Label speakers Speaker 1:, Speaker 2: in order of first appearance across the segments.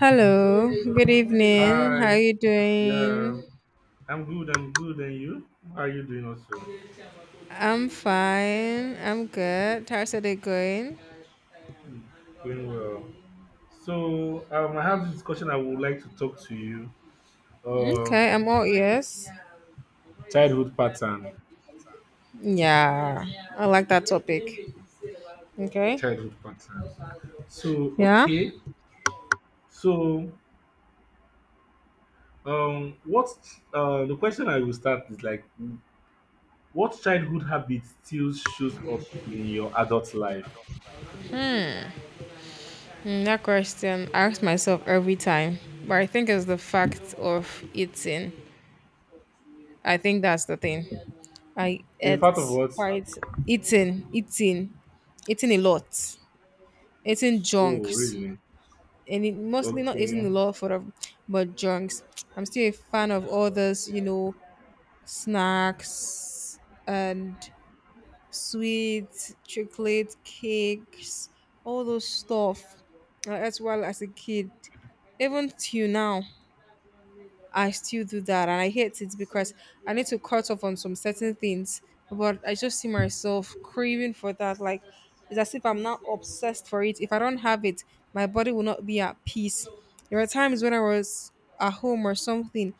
Speaker 1: Hello, good evening. How are
Speaker 2: Hi,
Speaker 1: you
Speaker 2: yeah,
Speaker 1: doing?
Speaker 2: I'm good and good. And you? How are you doing also?
Speaker 1: I'm fine. I'm good. How's it going?
Speaker 2: Mm, Doing well. So, I have this discussion I would like to talk to you.
Speaker 1: Okay, I'm all
Speaker 2: Um,
Speaker 1: ears.
Speaker 2: childhood pattern.
Speaker 1: Yeah, I like that topic. Okay.
Speaker 2: Childhood pattern. So,
Speaker 1: Yeah.
Speaker 2: okay. So, um, what, the question I will start is like, what childhood habit still shows up in your adult life?
Speaker 1: Mm, that question I ask myself every time, but I think it's the fact of eating. I think that's the thing. I
Speaker 2: In fact of
Speaker 1: ate
Speaker 2: what?
Speaker 1: quite eating, eating a lot, eating
Speaker 2: Oh,
Speaker 1: junks.
Speaker 2: really?
Speaker 1: And it mostly not eating
Speaker 2: Okay.
Speaker 1: a lot for them, but junks. I'm still a fan of all those, you know, snacks and sweets, chocolate cakes, all those stuff. As well as a kid, even till now, I still do that and I hate it because I need to cut off on some certain things. But I just see myself craving for that. Like it's as if I'm not obsessed for it. If I don't have it, my body will not be at peace. There were times when I was at home or something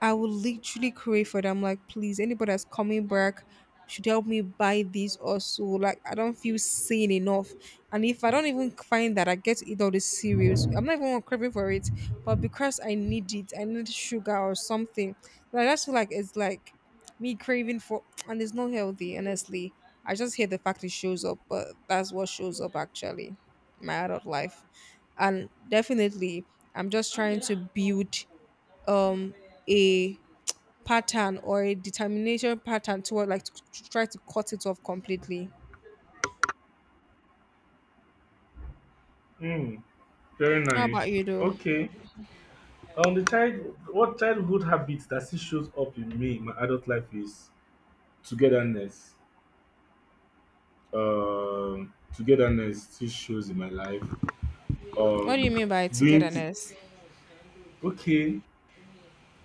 Speaker 1: I would literally crave for them. Like, please, anybody that's coming back should help me buy this or so. Like, I don't feel sane enough. And if I don't even find that, I get to eat all the cereals. I'm not even craving for it, but because I need it, I need sugar or something. Like, I just feel like it's like me craving for, and it's not healthy, honestly. I just hate the fact it shows up, but that's what shows up actually, in my adult life. And definitely, I'm just trying to build um a pattern or a determination pattern toward like to try to cut it off completely.
Speaker 2: Hmm. Very
Speaker 1: How
Speaker 2: nice.
Speaker 1: about you though?
Speaker 2: Okay. On the child, what childhood habits that still shows up in me in my adult life is togetherness. Togetherness still shows in my life.
Speaker 1: What do you
Speaker 2: Um,
Speaker 1: mean by
Speaker 2: doing th-
Speaker 1: togetherness?
Speaker 2: okay,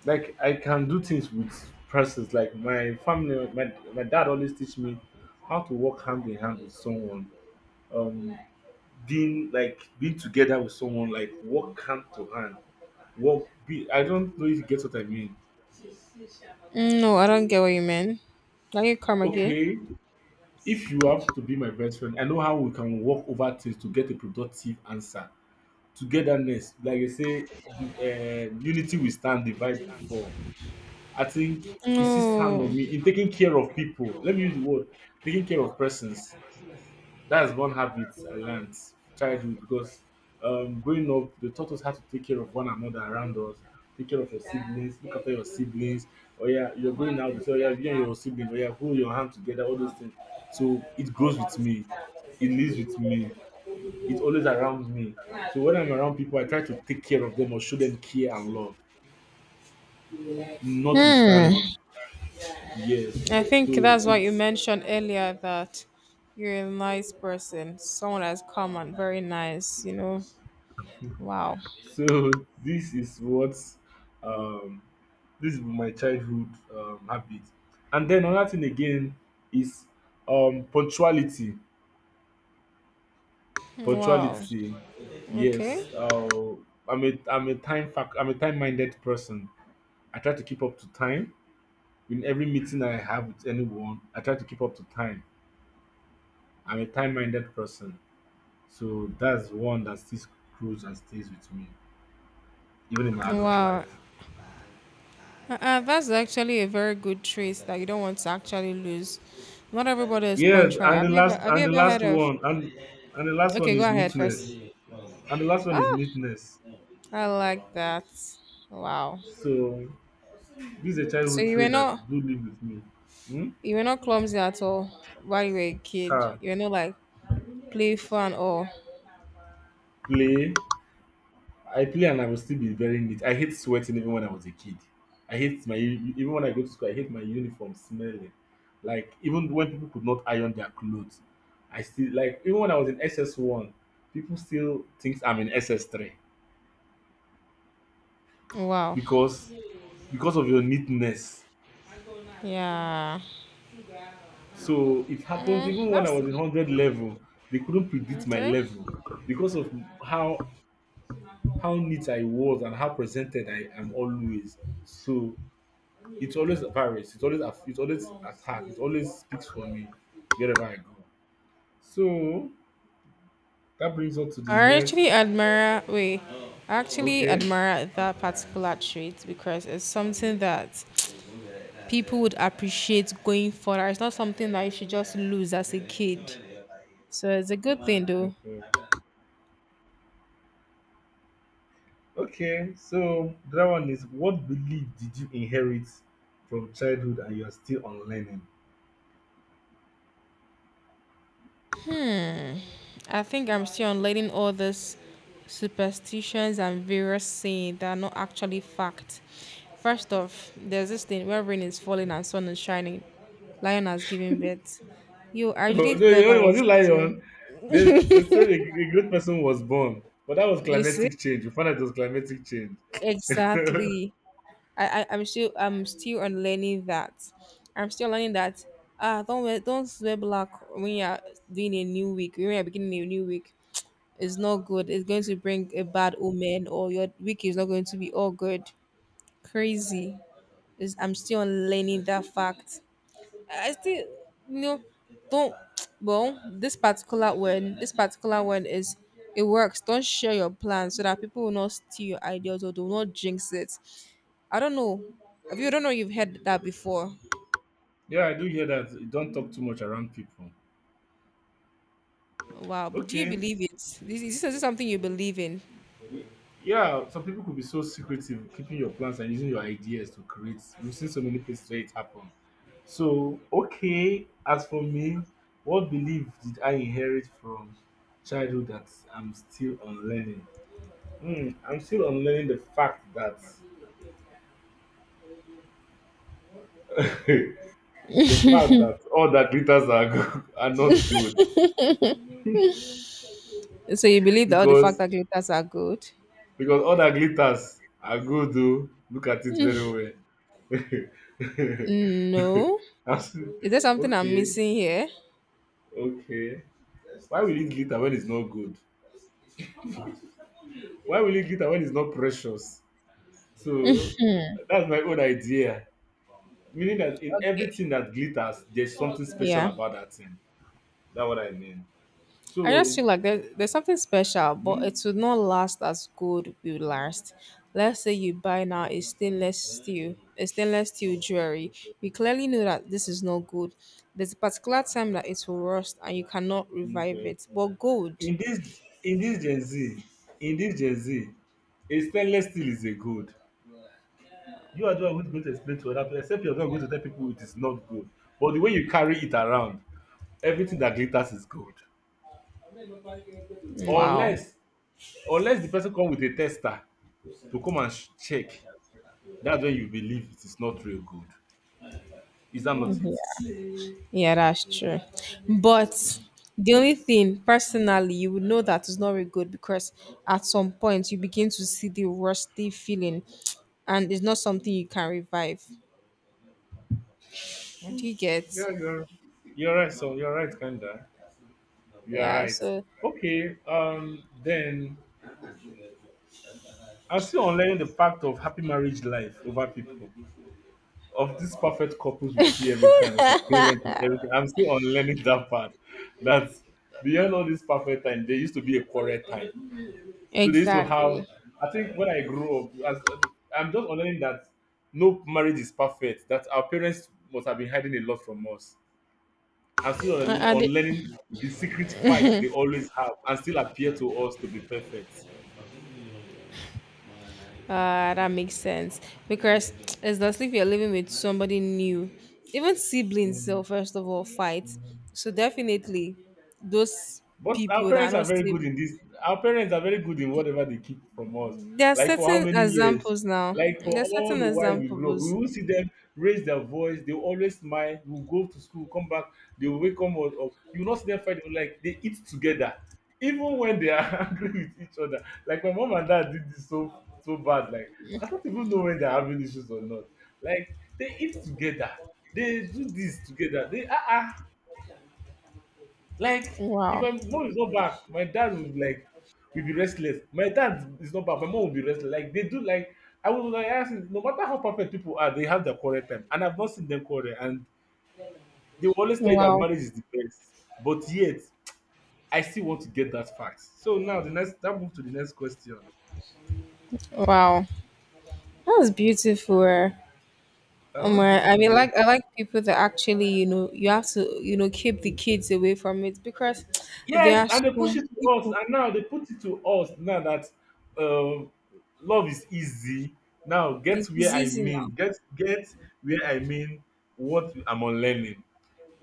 Speaker 2: like I can do things with persons. Like my family, my dad always teach me how to work hand in hand with someone. Um, being like being together with someone, like work hand to hand. Work. Be, I don't know if you get what I mean.
Speaker 1: Mm, no, I don't get what you mean. Can you come again?
Speaker 2: Okay, if you have to be my best friend, I know how we can work over things to get a productive answer. Togetherness, like I say, the unity we stand, divide before. I think he sees hand
Speaker 1: No.
Speaker 2: on me in taking care of people. Let me use the word taking care of persons. That's one habit I learned childhood because growing up, they taught us how to take care of one another around us. Take care of your siblings, look after your siblings. Oh yeah, you're going out. They say, oh yeah, you and your sibling. Oh yeah, hold your hand together. All those things. So it grows with me. It lives with me. It's always around me. So when I'm around people, I try to take care of them or show them care and love,
Speaker 1: Hmm.
Speaker 2: notwithstanding. Yes.
Speaker 1: I think
Speaker 2: So
Speaker 1: that's what you
Speaker 2: it's
Speaker 1: mentioned earlier, that you're a nice person, someone that's calm and very nice, you know. Wow.
Speaker 2: so this is what um this is my childhood habit. And then another thing again is punctuality.
Speaker 1: Wow.
Speaker 2: Punctuality. Yes.
Speaker 1: Okay.
Speaker 2: I'm a I'm a time minded person. I try to keep up to time. In every meeting I have with anyone, I try to keep up to time. I'm a time minded person. So that's one that still grows and stays with me, even in my adult
Speaker 1: Wow.
Speaker 2: life.
Speaker 1: That's actually a very good trait that you don't want to actually lose. Not everybody is
Speaker 2: Yes,
Speaker 1: punctual. Have you ever have you
Speaker 2: and the
Speaker 1: ever
Speaker 2: last
Speaker 1: heard of?
Speaker 2: one and the last one
Speaker 1: Okay, go
Speaker 2: is
Speaker 1: ahead first.
Speaker 2: neatness. And the last one is
Speaker 1: Oh,
Speaker 2: neatness.
Speaker 1: I like that. Wow.
Speaker 2: So this is a
Speaker 1: So
Speaker 2: childhood trait that do live with me. Hmm?
Speaker 1: you were not clumsy at all while you were a kid.
Speaker 2: Ah,
Speaker 1: You were not like playful and all.
Speaker 2: play. I play and I will still be very neat. I hate sweating even when I was a kid. I hate my even when I go to school, I hate my uniform smelling. Like even when people could not iron their clothes, I still like even when I was in SS one, people still think I'm in SS three
Speaker 1: Wow.
Speaker 2: because because of your neatness.
Speaker 1: Yeah.
Speaker 2: So it happens
Speaker 1: Mm,
Speaker 2: even when I
Speaker 1: that's
Speaker 2: was in 100 level, they couldn't predict my
Speaker 1: okay.
Speaker 2: level because of how how neat I was and how presented I am always. So it's always varies. It's always attack. It always speaks for me wherever I go. So that brings us to the
Speaker 1: I actually
Speaker 2: next.
Speaker 1: admire wait. I actually
Speaker 2: Okay,
Speaker 1: admire that particular trait because it's something that people would appreciate going further. It's not something that you should just lose as a kid. So it's a good thing though.
Speaker 2: okay, okay. So that one is, what belief did you inherit from childhood and you are still unlearning?
Speaker 1: I think I'm still unlearning all these superstitions and various saying that are not actually fact. First off, there's this thing where rain is falling and sun is shining. Lion has given birth. You I
Speaker 2: No,
Speaker 1: actually thought
Speaker 2: you
Speaker 1: that
Speaker 2: know, was
Speaker 1: was
Speaker 2: it
Speaker 1: true.
Speaker 2: lion? They said a great person was born, but that was
Speaker 1: You see?
Speaker 2: climatic change. We found out it was climatic change.
Speaker 1: Exactly. I'm still on learning that. I'm still learning that. Ah, don't wear black when you're doing a new week. When you're beginning a new week, it's not good. It's going to bring a bad omen, or your week is not going to be all good. Crazy. It's, I'm still on learning that fact. I still, you know, don't. Well, this particular one is it works. Don't share your plans so that people will not steal your ideas or do not jinx it. I don't know. If you don't know, you've heard that before.
Speaker 2: Yeah, I do hear that. You don't talk too much around people.
Speaker 1: Wow, but do you
Speaker 2: Okay.
Speaker 1: believe it? This is something you believe in.
Speaker 2: Y- Yeah, some people could be so secretive, keeping your plans and using your ideas to create. We've seen so many places where it happened. So, okay, as for me, what belief did I inherit from childhood that I'm still unlearning? Hmm, I'm still unlearning the fact that the fact that all that glitters are not good
Speaker 1: So you believe that all the fact
Speaker 2: because
Speaker 1: that glitters are good?
Speaker 2: because all that glitters are good though, look at it very well.
Speaker 1: No.
Speaker 2: I said,
Speaker 1: Is there something I'm
Speaker 2: okay
Speaker 1: missing here?
Speaker 2: okay, why will it glitter when it's not good, why will it glitter when it's not precious, so that's my own idea, meaning that in
Speaker 1: Okay.
Speaker 2: everything that glitters there's something special
Speaker 1: Yeah.
Speaker 2: about that thing. That's what I mean.
Speaker 1: I just
Speaker 2: So
Speaker 1: feel like there's something special, but
Speaker 2: hmm?
Speaker 1: it would not last as good will last. Let's say you buy now a
Speaker 2: Hmm.
Speaker 1: stainless steel, a stainless steel jewelry.
Speaker 2: Okay.
Speaker 1: You clearly know that this is not good. There's a particular time that it will rust and you cannot revive
Speaker 2: Okay.
Speaker 1: it. But gold,
Speaker 2: In this Gen Z, in this Gen Z, a stainless steel is a gold. You are the one who's going to explain to other people, except you're not going to tell people it is not gold. But the way you carry it around, everything that glitters is gold.
Speaker 1: wow.
Speaker 2: Unless unless the person come with a tester to come and check, that's when you believe it is not real gold. Is that not it?
Speaker 1: Yeah, that's true. But the only thing, personally, you would know that it's not very good because at some point you begin to see the rusty feeling and it's not something you can revive. Do
Speaker 2: Mm.
Speaker 1: you get?
Speaker 2: Yeah, you're right, so you're right, kinda. You're
Speaker 1: Yeah,
Speaker 2: right.
Speaker 1: so
Speaker 2: Okay, then I'm still unlearning the fact of happy marriage life over people, of these perfect couples we see every time, of our parents and everything. I'm still unlearning that part. That beyond all this perfect time, there used to be a quarrel time. So they used to have.
Speaker 1: exactly.
Speaker 2: I think when I grew up, as I'm just unlearning that no marriage is perfect. That our parents must have been hiding a lot from us. I'm still
Speaker 1: And it,
Speaker 2: unlearning the secret fight they always have and still appear to us to be perfect.
Speaker 1: that makes sense because it's not as if you're living with somebody new, even siblings. So
Speaker 2: Mm.
Speaker 1: first of all, fight.
Speaker 2: Mm.
Speaker 1: So definitely, those
Speaker 2: But
Speaker 1: people
Speaker 2: our
Speaker 1: that are
Speaker 2: parents are
Speaker 1: not
Speaker 2: very
Speaker 1: sib-
Speaker 2: good in this. Our parents are very good in whatever they keep from us.
Speaker 1: there are
Speaker 2: Like for how
Speaker 1: certain
Speaker 2: many years?
Speaker 1: examples now.
Speaker 2: Like for
Speaker 1: There are
Speaker 2: all
Speaker 1: certain
Speaker 2: the while we grow up, we
Speaker 1: examples.
Speaker 2: will see them raise their voice. They will always smile. We will go to school, come back. They will wake up. Or you will not see them fight. Like they eat together, even when they are angry with each other. Like my mom and dad did this so so bad. Like I don't even know when they're having issues or not. Like they eat together. They do this together. They ah ah like, if
Speaker 1: Wow,
Speaker 2: my mom is not back, my dad would like will be restless. My dad is not back, my mom will be restless. Like they do like I would like ask him, no matter how perfect people are, they have their quarrel time. And I've not seen them quarrel. And they will always tell you that
Speaker 1: wow,
Speaker 2: marriage is the best. But yet, I still want to get that fact. So now the next that move to the next question.
Speaker 1: wow. That was beautiful. Eh?
Speaker 2: What's
Speaker 1: I
Speaker 2: beautiful
Speaker 1: mean,
Speaker 2: there?
Speaker 1: like I like people that actually, you know, you have to, you know, keep the kids away from it because there
Speaker 2: Yes,
Speaker 1: are
Speaker 2: and they push
Speaker 1: some
Speaker 2: it to us,
Speaker 1: people.
Speaker 2: and now they put it to us now that um, love is easy. Now get where
Speaker 1: It's
Speaker 2: I
Speaker 1: easy
Speaker 2: mean,
Speaker 1: now.
Speaker 2: get where I mean what I'm unlearning.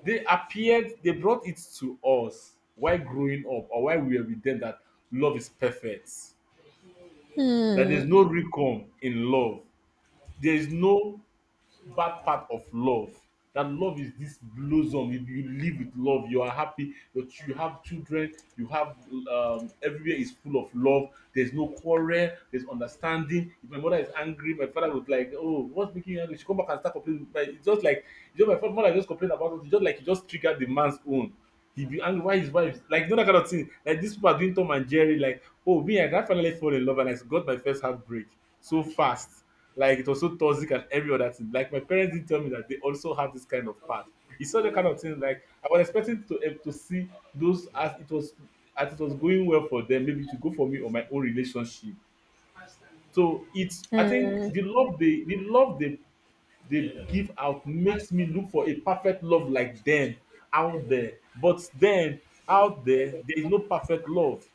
Speaker 2: They appeared, they brought it to us while growing up or while we were with them that love is perfect, that there's
Speaker 1: Hmm.
Speaker 2: no recon in love, there is no bad part of love, that love is this blossom, you live with love, you are happy. That you have children, you have everywhere is full of love, there's no quarrel, there's understanding. If my mother is angry, my father would like, oh, what's making you angry, she come back and start complaining, but it's just like, you know, mother just complain about something, just like he just triggered the man's own, he be angry why his wife, like, you know that kind of thing, like these people are doing Tom and Jerry. Like, oh me, I don finally fall in love and I got my first heartbreak so fast. Like it was so toxic and every other thing. Like my parents did tell me that they also have this kind of part. It's such a kind of thing, like I was expecting to to see those as it was going well for them, maybe to go for me or my own relationship. So it's, I
Speaker 1: Hmm.
Speaker 2: think the love they give out makes me look for a perfect love like them out there. But then out there there is no perfect love.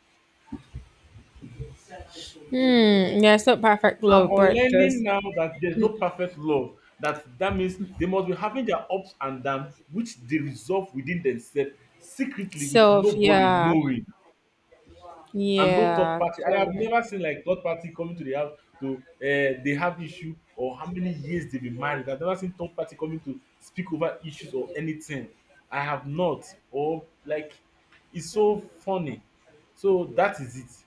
Speaker 1: Hmm. Yeah, it's not perfect
Speaker 2: So I'm
Speaker 1: love, but
Speaker 2: unlearning
Speaker 1: there's
Speaker 2: now that there's no perfect love. That that means they must be having their ups and downs, which they resolve within themselves secretly with
Speaker 1: self.
Speaker 2: nobody
Speaker 1: Yeah.
Speaker 2: knowing and no third
Speaker 1: Yeah.
Speaker 2: party. I have
Speaker 1: Actually,
Speaker 2: never seen like third party coming to the house to they have issue or how many years they've been married. I've never seen third party coming to speak over issues or anything. I have not. Or like it's so funny. So that is it.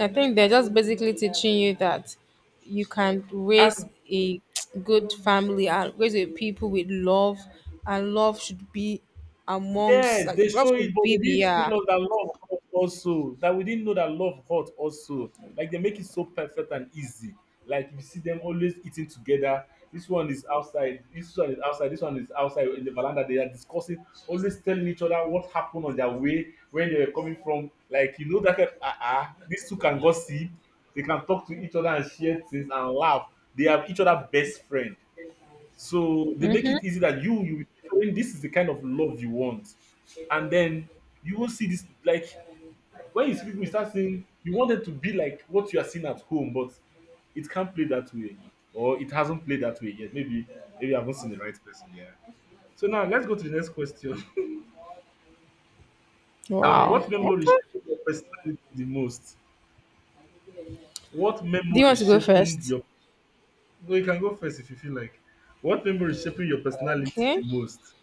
Speaker 1: I think they're just basically teaching you that you can raise
Speaker 2: And
Speaker 1: a good family and raise a people with love, and love should be amongst
Speaker 2: yes,
Speaker 1: like
Speaker 2: they
Speaker 1: love
Speaker 2: show it,
Speaker 1: should
Speaker 2: but they
Speaker 1: be the
Speaker 2: didn't
Speaker 1: yeah.
Speaker 2: tell us that love hurt also. That we didn't know that love hurt also. Like they make it so perfect and easy. Like you see them always eating together. This one is outside. This one is outside. This one is outside in the veranda. They are discussing, always telling each other what happened on their way, where they were coming from. Like you know that kind, uh-uh, these two can gossip. They can talk to each other and share things and laugh. They have each other best friend. So they make it easy that you showing this is the kind of love you want, and then you will see this like when you see people you start saying you want them to be like what you are seeing at home, but it can't play that way or it hasn't played that way yet. Maybe I haven't seen the right person. Yeah. So now let's go to the next question.
Speaker 1: Wow.
Speaker 2: What memory
Speaker 1: Okay.
Speaker 2: shaped your personality the most? What
Speaker 1: Do you
Speaker 2: memory
Speaker 1: want to go
Speaker 2: shaping
Speaker 1: first?
Speaker 2: your? No, you can go first if you feel like. What memory shaping your personality the
Speaker 1: Okay.
Speaker 2: most?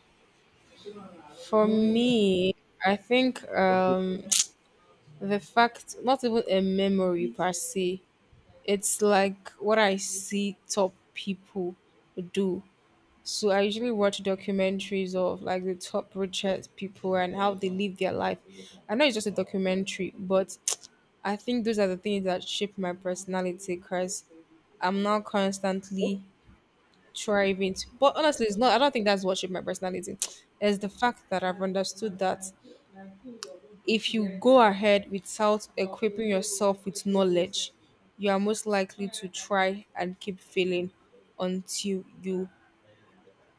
Speaker 1: For
Speaker 2: Hmm.
Speaker 1: me, I think
Speaker 2: Okay.
Speaker 1: the fact not even a memory per se. It's like what I see top people do. So I usually watch documentaries of like the top richest people and how they live their life. I know it's just a documentary, but I think those are the things that shape my personality because I'm not constantly thriving. But honestly, it's not. I don't think that's what shaped my personality. It's the fact that I've understood that if you go ahead without equipping yourself with knowledge, you are most likely to try and keep failing until you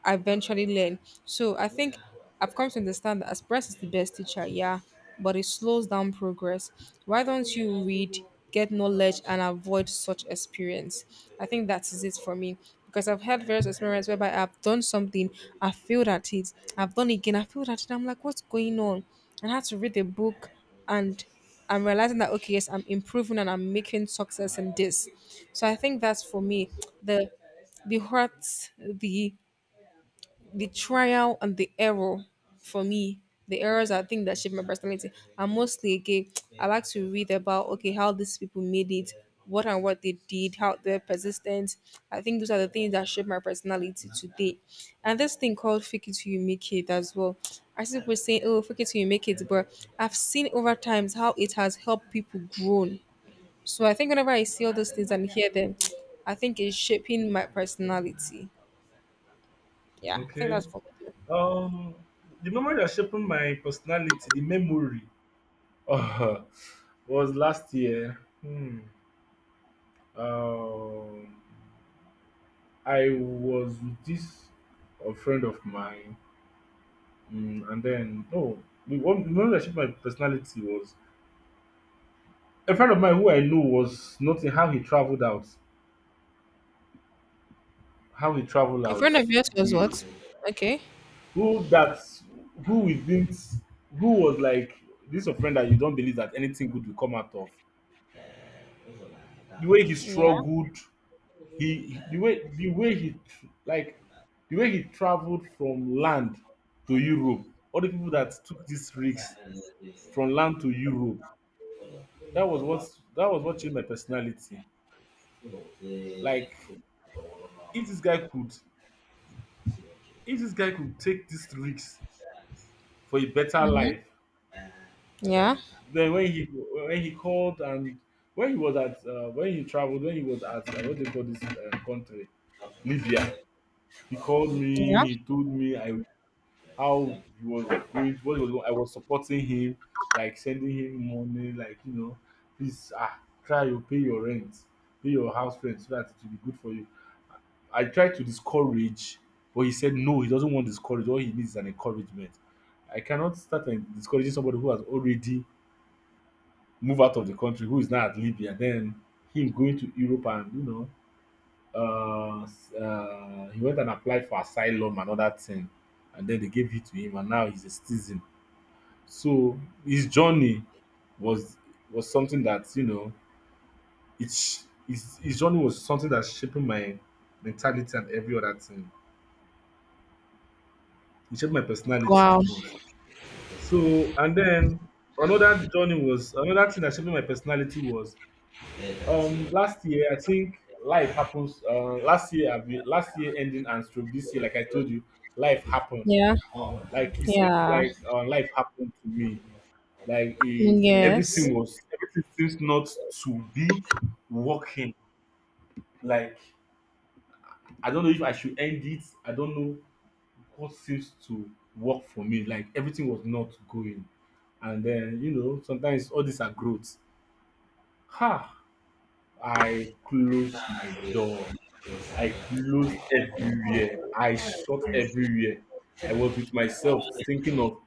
Speaker 1: I eventually learn. So I think I've come to understand that Express is the best teacher, yeah, but it slows down progress. Why don't you read, get knowledge, and avoid such experience? I think that is it for me because I've had various experiences whereby I've done something, I failed at it, I've done it again, I failed at it. I'm like, what's going on? And I had to read a book and I'm realizing that okay, yes, I'm improving and I'm making success in this. So I think that's for me the the hurt, the trial and the error for me the errors. I think that shape my personality. And mostly again, I like to read about okay how these people made it, what and what they did, how they're persistent. I think those are the things that shape my personality today. And this thing called fake it till you make it as well, I see people saying oh fake it till you make it, but I've seen over times how it has helped people grow. So I think whenever I see all those things and hear them, I think it's shaping my personality. Yeah, I think
Speaker 2: Okay.
Speaker 1: that's for me.
Speaker 2: Um, the memory that shaped my personality, the memory, uh, was last year. Hmm. Um, I was with this a friend of mine, mm, and then oh, the memory that shaped my personality was a friend of mine who I knew was noting how he traveled out, how he traveled
Speaker 1: In
Speaker 2: out.
Speaker 1: front of yours was
Speaker 2: We
Speaker 1: what? Okay.
Speaker 2: who that who we didn't who was like This is a friend that you don't believe that anything good will come out of the way he
Speaker 1: Yeah.
Speaker 2: struggled. He the way he tr- like The way he traveled from land to Europe, all the people that took this risk from land to Europe, that was what changed my personality. Like, if this guy could take this risk for a better life,
Speaker 1: Yeah.
Speaker 2: then when he called and when he was at when he traveled, when he was at what they call this country, Libya, he called
Speaker 1: Yeah.
Speaker 2: me, he told me I how he was going, what he was going. I was supporting him, like sending him money, like you know, please, ah, try to pay your rent, pay your house rent so that it will be good for you. I tried to discourage, but he said no, he doesn't want discourage. All he needs is an encouragement. I cannot start and discouraging somebody who has already moved out of the country, who is now at Libya, then him going to Europe. And he went and applied for asylum and other thing, and then they gave it to him, and now he's a citizen. So his journey was something that, it's his journey was something that shaping my mentality and every other thing. It shaped my personality the
Speaker 1: Wow.
Speaker 2: most. So and then another journey, was another thing that shaped my personality, was last year, I think. Life happens. Last year, I've been, last year ending and stroke this year, like I told you, life happened.
Speaker 1: Yeah.
Speaker 2: Like it seems
Speaker 1: Yeah.
Speaker 2: like life happened to me. Like he,
Speaker 1: Yes.
Speaker 2: everything was, everything seems not to be working. Like I don't know if I should end it. I don't know what seems to work for me. Like everything was not going. And then you know sometimes all these are growth. Ha! I closed my door. I closed everywhere. I shut everywhere. I was with myself thinking of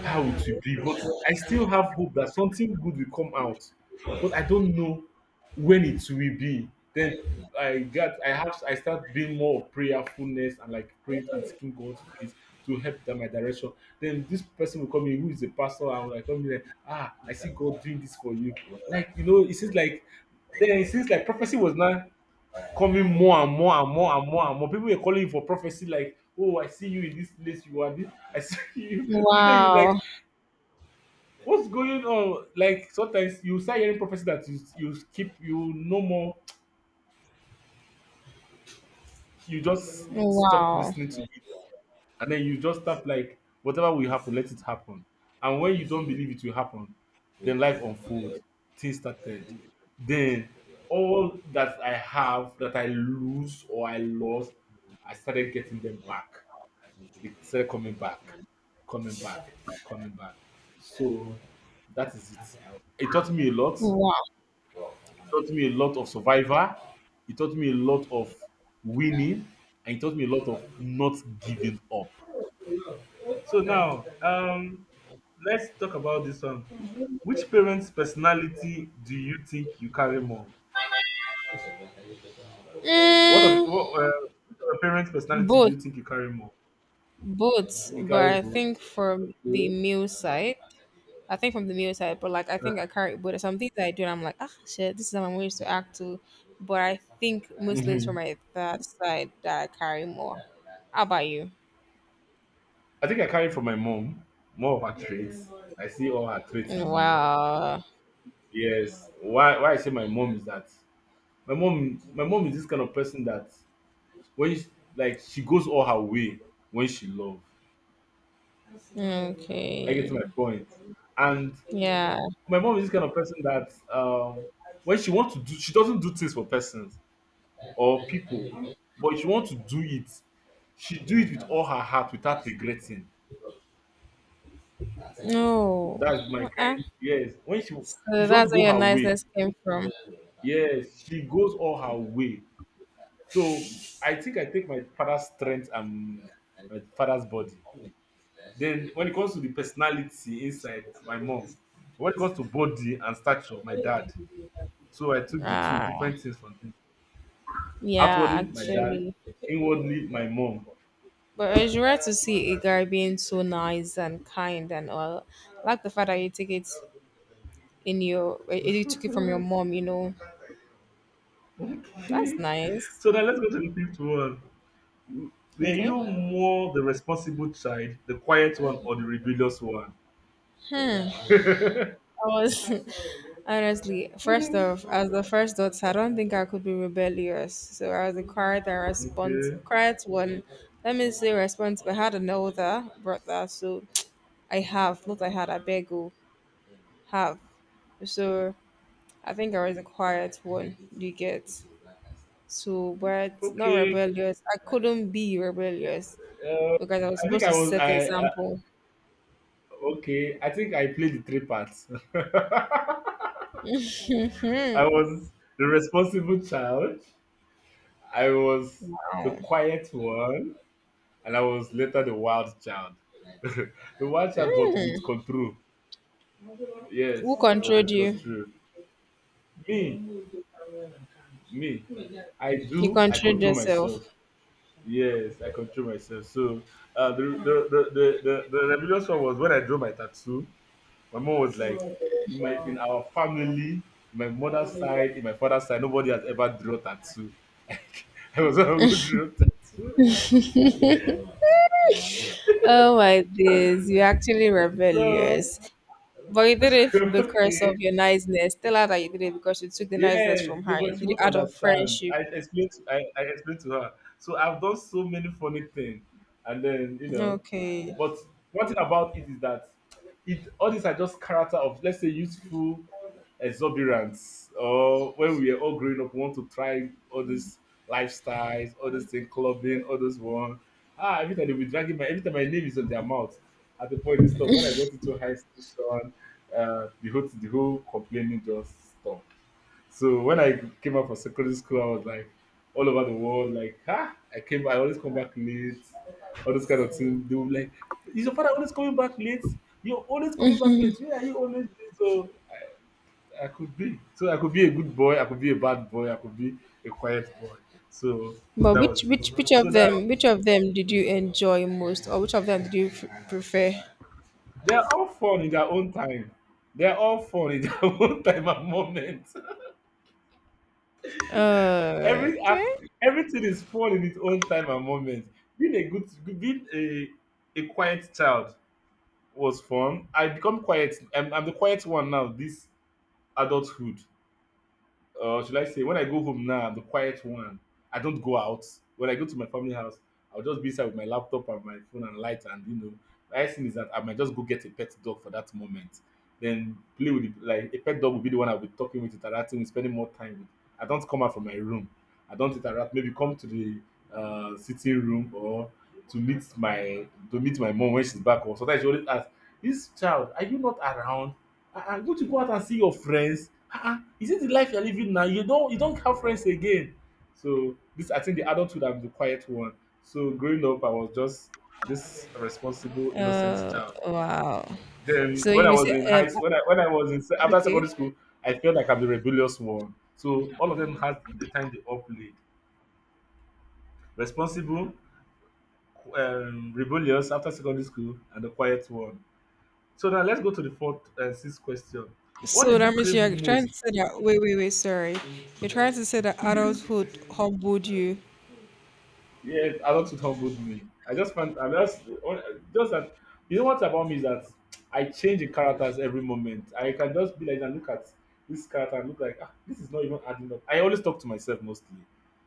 Speaker 2: how it will be, but I still have hope that something good will come out, but I don't know when it will be. Then I got I have I start being more of prayerfulness and like praying and seeking God's face to help that my direction. Then this person will come in who is a pastor and will like come in like, ah, I see God doing this for you. Like, you know, it seems like, then it seems like prophecy was now coming more and more and more and more and more. People were calling for prophecy like, oh, I see you in this place, you are this, I see you. And then you like,
Speaker 1: Wow.
Speaker 2: what's going on? Like sometimes you start hearing prophecy that you no more, you just stop listening to it, and then you just start like whatever will happen, let it happen. And when you don't believe it will happen, then life unfold, things started, then all that I have that I lose or I lost, I started getting them back. It started coming back, coming back, coming back. So that is it. It taught me a lot, of survivor. He taught me a lot of winning, and he taught me a lot of not giving up. So now, let's talk about this one. Which parent's personality do you think you carry more? What of
Speaker 1: Mm,
Speaker 2: what? Which of your parents' personality do
Speaker 1: both.
Speaker 2: you think you carry more?
Speaker 1: Both.
Speaker 2: You
Speaker 1: But
Speaker 2: carry
Speaker 1: I
Speaker 2: both.
Speaker 1: think from the
Speaker 2: Okay.
Speaker 1: male side, I think from the male side, but like I think I carry but some things I do and I'm like, ah shit, this is how I'm used to act to. But I think mostly it's from
Speaker 2: Mhm.
Speaker 1: my that side that I carry more. How about you?
Speaker 2: I think I carry from my mom more of her traits. I see all her traits in me.
Speaker 1: Uh
Speaker 2: Yes. Why? Why I say my mom is that my mom, is this kind of person that when she, like she goes all her way when she love. I get to my
Speaker 1: okay.
Speaker 2: point. And my mom is this kind of person that when she wants to do, she doesn't do things for persons or people, but if she wants to do it, she do it with all her heart without regretting.
Speaker 1: No.
Speaker 2: That's my
Speaker 1: Uh-uh.
Speaker 2: kind. Yes, when she, if
Speaker 1: So
Speaker 2: she wants to
Speaker 1: that's
Speaker 2: go
Speaker 1: where your
Speaker 2: her way,
Speaker 1: niceness came from.
Speaker 2: yes, she goes all her way. So I think I take my father's strength and my father's body. Then when it comes to the personality inside, my mom. When it comes to body and stature, my dad. So I took the two
Speaker 1: Ah,
Speaker 2: different things from them.
Speaker 1: yeah,
Speaker 2: Outwardly, my dad.
Speaker 1: actually.
Speaker 2: Inwardly, my mom.
Speaker 1: But it's rare to see a guy being so nice and kind and all. I like the fact that you take it in your, eh, you took it from your mom, you know. That's
Speaker 2: Okay.
Speaker 1: nice.
Speaker 2: So now let's go to the fifth one. Were
Speaker 1: Okay.
Speaker 2: you more the responsible child, the quiet one, or the rebellious one?
Speaker 1: Hmm. I was honestly, first off, as the first daughter, I don't think I could be rebellious. So I was a quiet and response,
Speaker 2: Okay.
Speaker 1: quiet one. Let me say response, but I had an older brother, so I have, not I had, I beg you, have. So I think I was a quiet one, you get. So, but not
Speaker 2: Okay.
Speaker 1: rebellious. I couldn't be rebellious
Speaker 2: Uh,
Speaker 1: because I was
Speaker 2: I think
Speaker 1: supposed
Speaker 2: I
Speaker 1: to
Speaker 2: was.
Speaker 1: set
Speaker 2: I
Speaker 1: example.
Speaker 2: okay. I think I played the three parts. I was the responsible child. I was the
Speaker 1: Um,
Speaker 2: quiet one, and I was later the wild child. The wild child, but
Speaker 1: who
Speaker 2: with control. Yes, was
Speaker 1: controlled
Speaker 2: with
Speaker 1: you?
Speaker 2: control. Me, me, I
Speaker 1: You
Speaker 2: do. I
Speaker 1: controlled
Speaker 2: control
Speaker 1: yourself.
Speaker 2: myself. Yes, I control myself. So the rebellious one was when I drew my tattoo. My mom was like, in my, in our family, in my mother's side, in my father's side, nobody has ever drawn tattoo. I was the one who drew tattoo.
Speaker 1: Oh my days, you're actually
Speaker 2: So
Speaker 1: rebellious. But you did it because
Speaker 2: okay.
Speaker 1: of your niceness. Tell her that you did it because you took the niceness
Speaker 2: Yes,
Speaker 1: from
Speaker 2: no,
Speaker 1: her. You
Speaker 2: but she
Speaker 1: did it
Speaker 2: would
Speaker 1: out of
Speaker 2: understand.
Speaker 1: friendship.
Speaker 2: I explained to her. So I've done so many funny things. And then, you know,
Speaker 1: Okay.
Speaker 2: but one thing about it is that, it all these are just character of let's say youthful exuberance, or when we were all growing up, we want to try all these lifestyles, all these things, clubbing, all those one. Ah, every time they be dragging my, every time my name is on their mouth, at the point they stop. When I got into high station, the whole, complaining just stopped. So when I came out from secondary school, I was like all over the world, like, ah, I came, I always come back late, all this kind of thing. They were like, is your father always coming back late? You're always coming back late. Where are you always late? So I could be. So I could be a good boy, I could be a bad boy, I could be a quiet boy. So
Speaker 1: But
Speaker 2: that
Speaker 1: which
Speaker 2: was it.
Speaker 1: which which
Speaker 2: So
Speaker 1: of
Speaker 2: they're,
Speaker 1: them which of them did you enjoy most, or which of them did you f- prefer?
Speaker 2: all fun in their own time. They're all fun in their own time and moment. Every and
Speaker 1: Okay.
Speaker 2: everything is fun in its own time and moment. Being a good, good- being a quiet child was fun. I become quiet. I'm the quiet one now. This adulthood, should I say, when I go home now, I'm the quiet one. I don't go out. When I go to my family house, I'll just be inside with my laptop and my phone and light, and you know, the nice thing is that I might just go get a pet dog for that moment. Then play with it. Like a pet dog will be the one I'll be talking with, interacting with, spending more time with. I don't come out from my room. I don't interact. Maybe come to the sitting room or to meet my mom when she's back. Or sometimes she always asks, "This child, are you not around? Ah, go to go out and see your friends? Ah, ah, is it the life you're living now? You don't, have friends again." So this, I think the adulthood, I'm the quiet one. So growing up I was just this responsible, innocent child.
Speaker 1: Wow.
Speaker 2: Mm. Then
Speaker 1: So
Speaker 2: when I
Speaker 1: you
Speaker 2: was
Speaker 1: say
Speaker 2: in high school, when I was in se- after secondary
Speaker 1: okay.
Speaker 2: school, I felt like I'm the rebellious one. So all of them had the time they all played. Responsible, rebellious after secondary school, and the quiet one. So now let's go to the fourth and sixth question. What
Speaker 1: So
Speaker 2: did you
Speaker 1: that means
Speaker 2: crave
Speaker 1: you're trying
Speaker 2: most?
Speaker 1: to say that. Wait. Sorry, you're trying to say that adulthood humbled you.
Speaker 2: Yes, a lot it humbled me. I just find I just that what about me is that I change the characters every moment. I can just be like and look at this character and look like, ah, this is not even adding up. I always talk to myself mostly.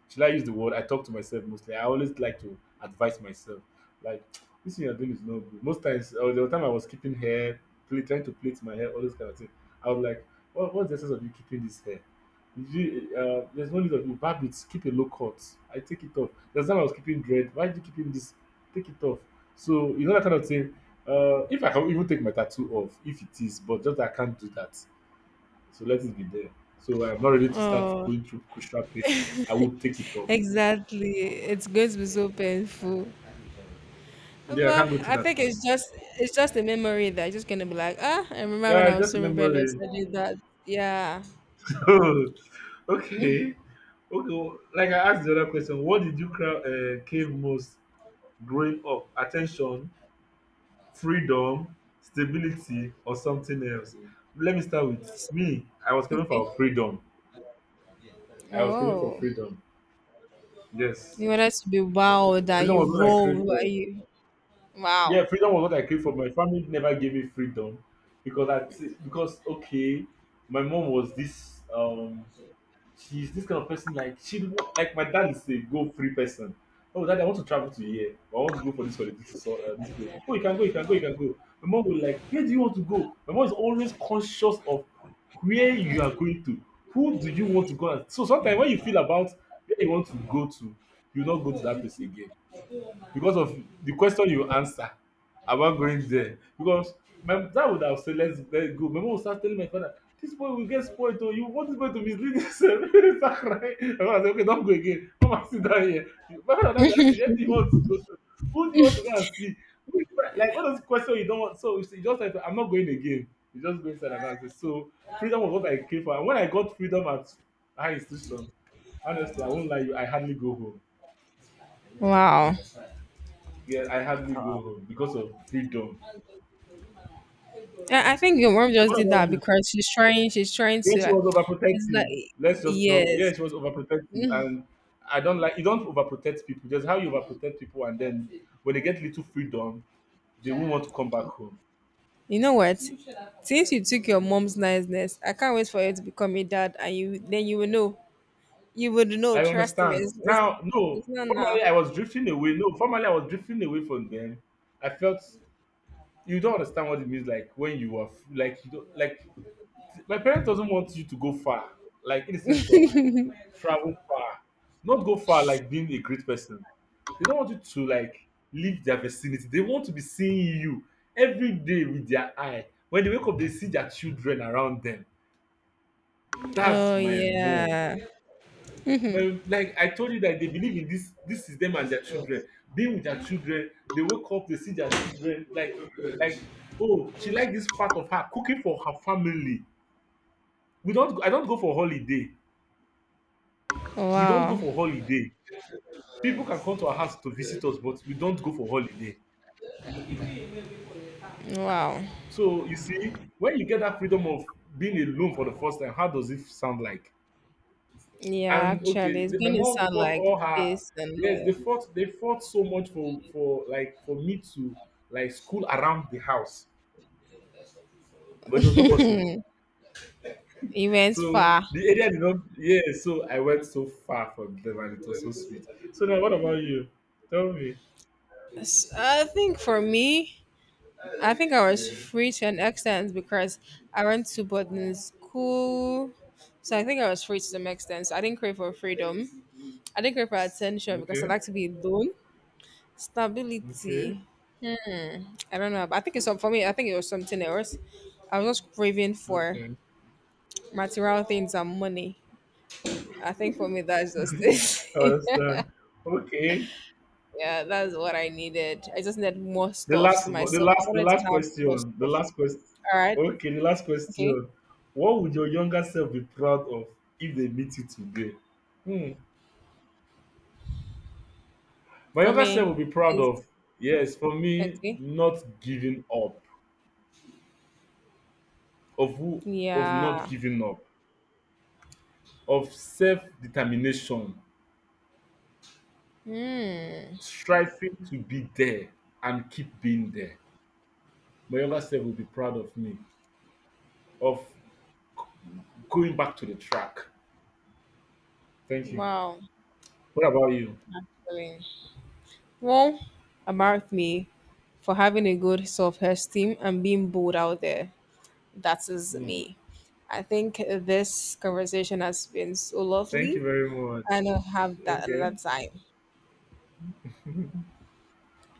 Speaker 2: Should I use the word? I talk to myself mostly. I always like to advise myself. Like this thing you're doing is not good. Most times or the time I was keeping hair, play, trying to plait my hair, all those kind of things. I was like, what's the sense of you keeping this hair? Did you, there's no need of you barb it, keep a low cut. I take it off. That's time I was keeping dread. Why are you keeping this? Take it off. So you know that kind of thing. If I can even take my tattoo off, if it is, but just I can't do that. So let it be there. So I'm not ready to start
Speaker 1: Oh,
Speaker 2: going through crucial pain. I would take it off.
Speaker 1: exactly. It's going to be so painful.
Speaker 2: Yeah, I can't
Speaker 1: But
Speaker 2: go through
Speaker 1: I
Speaker 2: that
Speaker 1: think
Speaker 2: pain.
Speaker 1: it's just a memory that you're just gonna be like, ah, I remember
Speaker 2: Yeah,
Speaker 1: when I
Speaker 2: it's
Speaker 1: was
Speaker 2: just a
Speaker 1: so rebellious,
Speaker 2: memory.
Speaker 1: I did that. Yeah.
Speaker 2: Okay. Okay. Like I asked the other question, what did you cry, cave most growing up? Attention. Freedom, stability or something else? Let me start with me. I was craving
Speaker 1: Okay.
Speaker 2: for freedom. I was craving for
Speaker 1: Oh.
Speaker 2: freedom. Yes.
Speaker 1: You wanted to be wild, that
Speaker 2: Freedom was
Speaker 1: you
Speaker 2: what I craved
Speaker 1: roll, that
Speaker 2: for.
Speaker 1: you wow,
Speaker 2: Yeah, freedom was what I craved for. My family never gave me freedom because because okay, my mom was this she's this kind of person, like she, like my dad is a go free person. Oh, dad, I want to travel to here. I want to go for this holiday to so, this place. Oh, you can go, you can go, you can go. My mom will like, where do you want to go? My mom is always conscious of where you are going to. Who do you want to go? At? So sometimes when you feel about where you want to go to, you not go to that place again. Because of the question you answer about going there. Because my dad would have said, let's go. My mom would start telling my father, this boy will get spoiled. Oh, you want this boy to mislead himself. He start crying. My father said, okay, don't go again. Come and sit down here. My father now be asking, where do you want to go to? Who do you want to go and see? Who do you want-" Like all those questions you don't want. So you just like, I'm not going again. You just go inside and answer. So freedom was what I came for. And when I got freedom at high institution, honestly, I won't lie you, I hardly go home.
Speaker 1: wow.
Speaker 2: Yeah, I hardly go home because of freedom.
Speaker 1: I think your mom
Speaker 2: So
Speaker 1: just
Speaker 2: what
Speaker 1: did
Speaker 2: about
Speaker 1: that
Speaker 2: you?
Speaker 1: because she's trying. She's trying
Speaker 2: Yeah,
Speaker 1: to
Speaker 2: she
Speaker 1: like.
Speaker 2: was
Speaker 1: It's like
Speaker 2: overprotective. Let's just know. Yeah,
Speaker 1: yes.
Speaker 2: she was overprotective, and I don't like. You don't overprotect people. Just how you overprotect people, and then when they get little freedom, they won't want to come back home.
Speaker 1: You know what? Since you took your
Speaker 2: Mm.
Speaker 1: mom's niceness, I can't wait for you to become a dad, and you then you will know. You would know.
Speaker 2: I
Speaker 1: Trust me.
Speaker 2: understand. Now, no.
Speaker 1: It's not now.
Speaker 2: Formerly, I was drifting away. No, formerly I was drifting away from them. I felt you don't understand what it means. Like when you are f- like you don't like. My parents doesn't want you to go far. Like in the sense of travel far. Not go far like being a great person. They don't want you to like leave their vicinity. They want to be seeing you every day with their eye. When they wake up, they see their children around them. That's
Speaker 1: Oh
Speaker 2: my mom.
Speaker 1: yeah.
Speaker 2: But like I told you that they believe in this, this is them and their children. Being with their children, they wake up, they see their children, like, oh, she like this part of her cooking for her family. We don't I don't go for holiday. We don't go
Speaker 1: Wow.
Speaker 2: for holiday. People can come to our house to visit us, but we don't go for holiday.
Speaker 1: Wow.
Speaker 2: So you see, when you get that freedom of being alone for the first time, how does it sound like?
Speaker 1: Yeah,
Speaker 2: And okay,
Speaker 1: actually, it's
Speaker 2: the, my
Speaker 1: gonna
Speaker 2: mom
Speaker 1: sound
Speaker 2: fought
Speaker 1: like
Speaker 2: all her.
Speaker 1: peace and
Speaker 2: Yes, they
Speaker 1: love.
Speaker 2: fought. They fought so much for like for me to like school around the house, but it was not possible.
Speaker 1: He went
Speaker 2: So
Speaker 1: far.
Speaker 2: the area did not. Yeah, so I went so far for them, and it was so sweet. So now, what about you? Tell me.
Speaker 1: S- I think for me, I think I was
Speaker 2: Mm,
Speaker 1: free to an extent because I went to boarding school. So I think I was free to some extent. So I didn't crave for freedom. I didn't crave for attention because I
Speaker 2: okay.
Speaker 1: like to be alone.
Speaker 2: Okay.
Speaker 1: Stability. I don't know. But I think it's some- for me. I think it was something else. I was just craving for
Speaker 2: Okay.
Speaker 1: material things and money. I think for me that's just
Speaker 2: I
Speaker 1: it.
Speaker 2: understand. Okay.
Speaker 1: Yeah, that's what I needed. I just needed more
Speaker 2: The
Speaker 1: stuffs
Speaker 2: last,
Speaker 1: to
Speaker 2: the
Speaker 1: myself. I
Speaker 2: the
Speaker 1: wanted to
Speaker 2: last
Speaker 1: have more
Speaker 2: question. The
Speaker 1: stuff.
Speaker 2: last question.
Speaker 1: All right.
Speaker 2: Okay, the last
Speaker 1: Okay.
Speaker 2: question. What would your younger self be proud of if they meet you today? Hmm. My
Speaker 1: For
Speaker 2: younger self will be
Speaker 1: me,
Speaker 2: proud
Speaker 1: is
Speaker 2: of. Yes, for me,
Speaker 1: okay.
Speaker 2: not giving up. Of who? Of not
Speaker 1: Yeah.
Speaker 2: giving up. Of self-determination,
Speaker 1: Hmm.
Speaker 2: striving to be there and keep being there. My younger self will be proud of me. Of g- Going back to the track. Thank you.
Speaker 1: Wow.
Speaker 2: What about you?
Speaker 1: Really. Well, about me for having a good self esteem and being bold out there. That is
Speaker 2: Hmm.
Speaker 1: me. I think this conversation has been so
Speaker 2: Thank you
Speaker 1: lovely,
Speaker 2: very
Speaker 1: and
Speaker 2: much.
Speaker 1: I'll have that another
Speaker 2: Okay.
Speaker 1: time.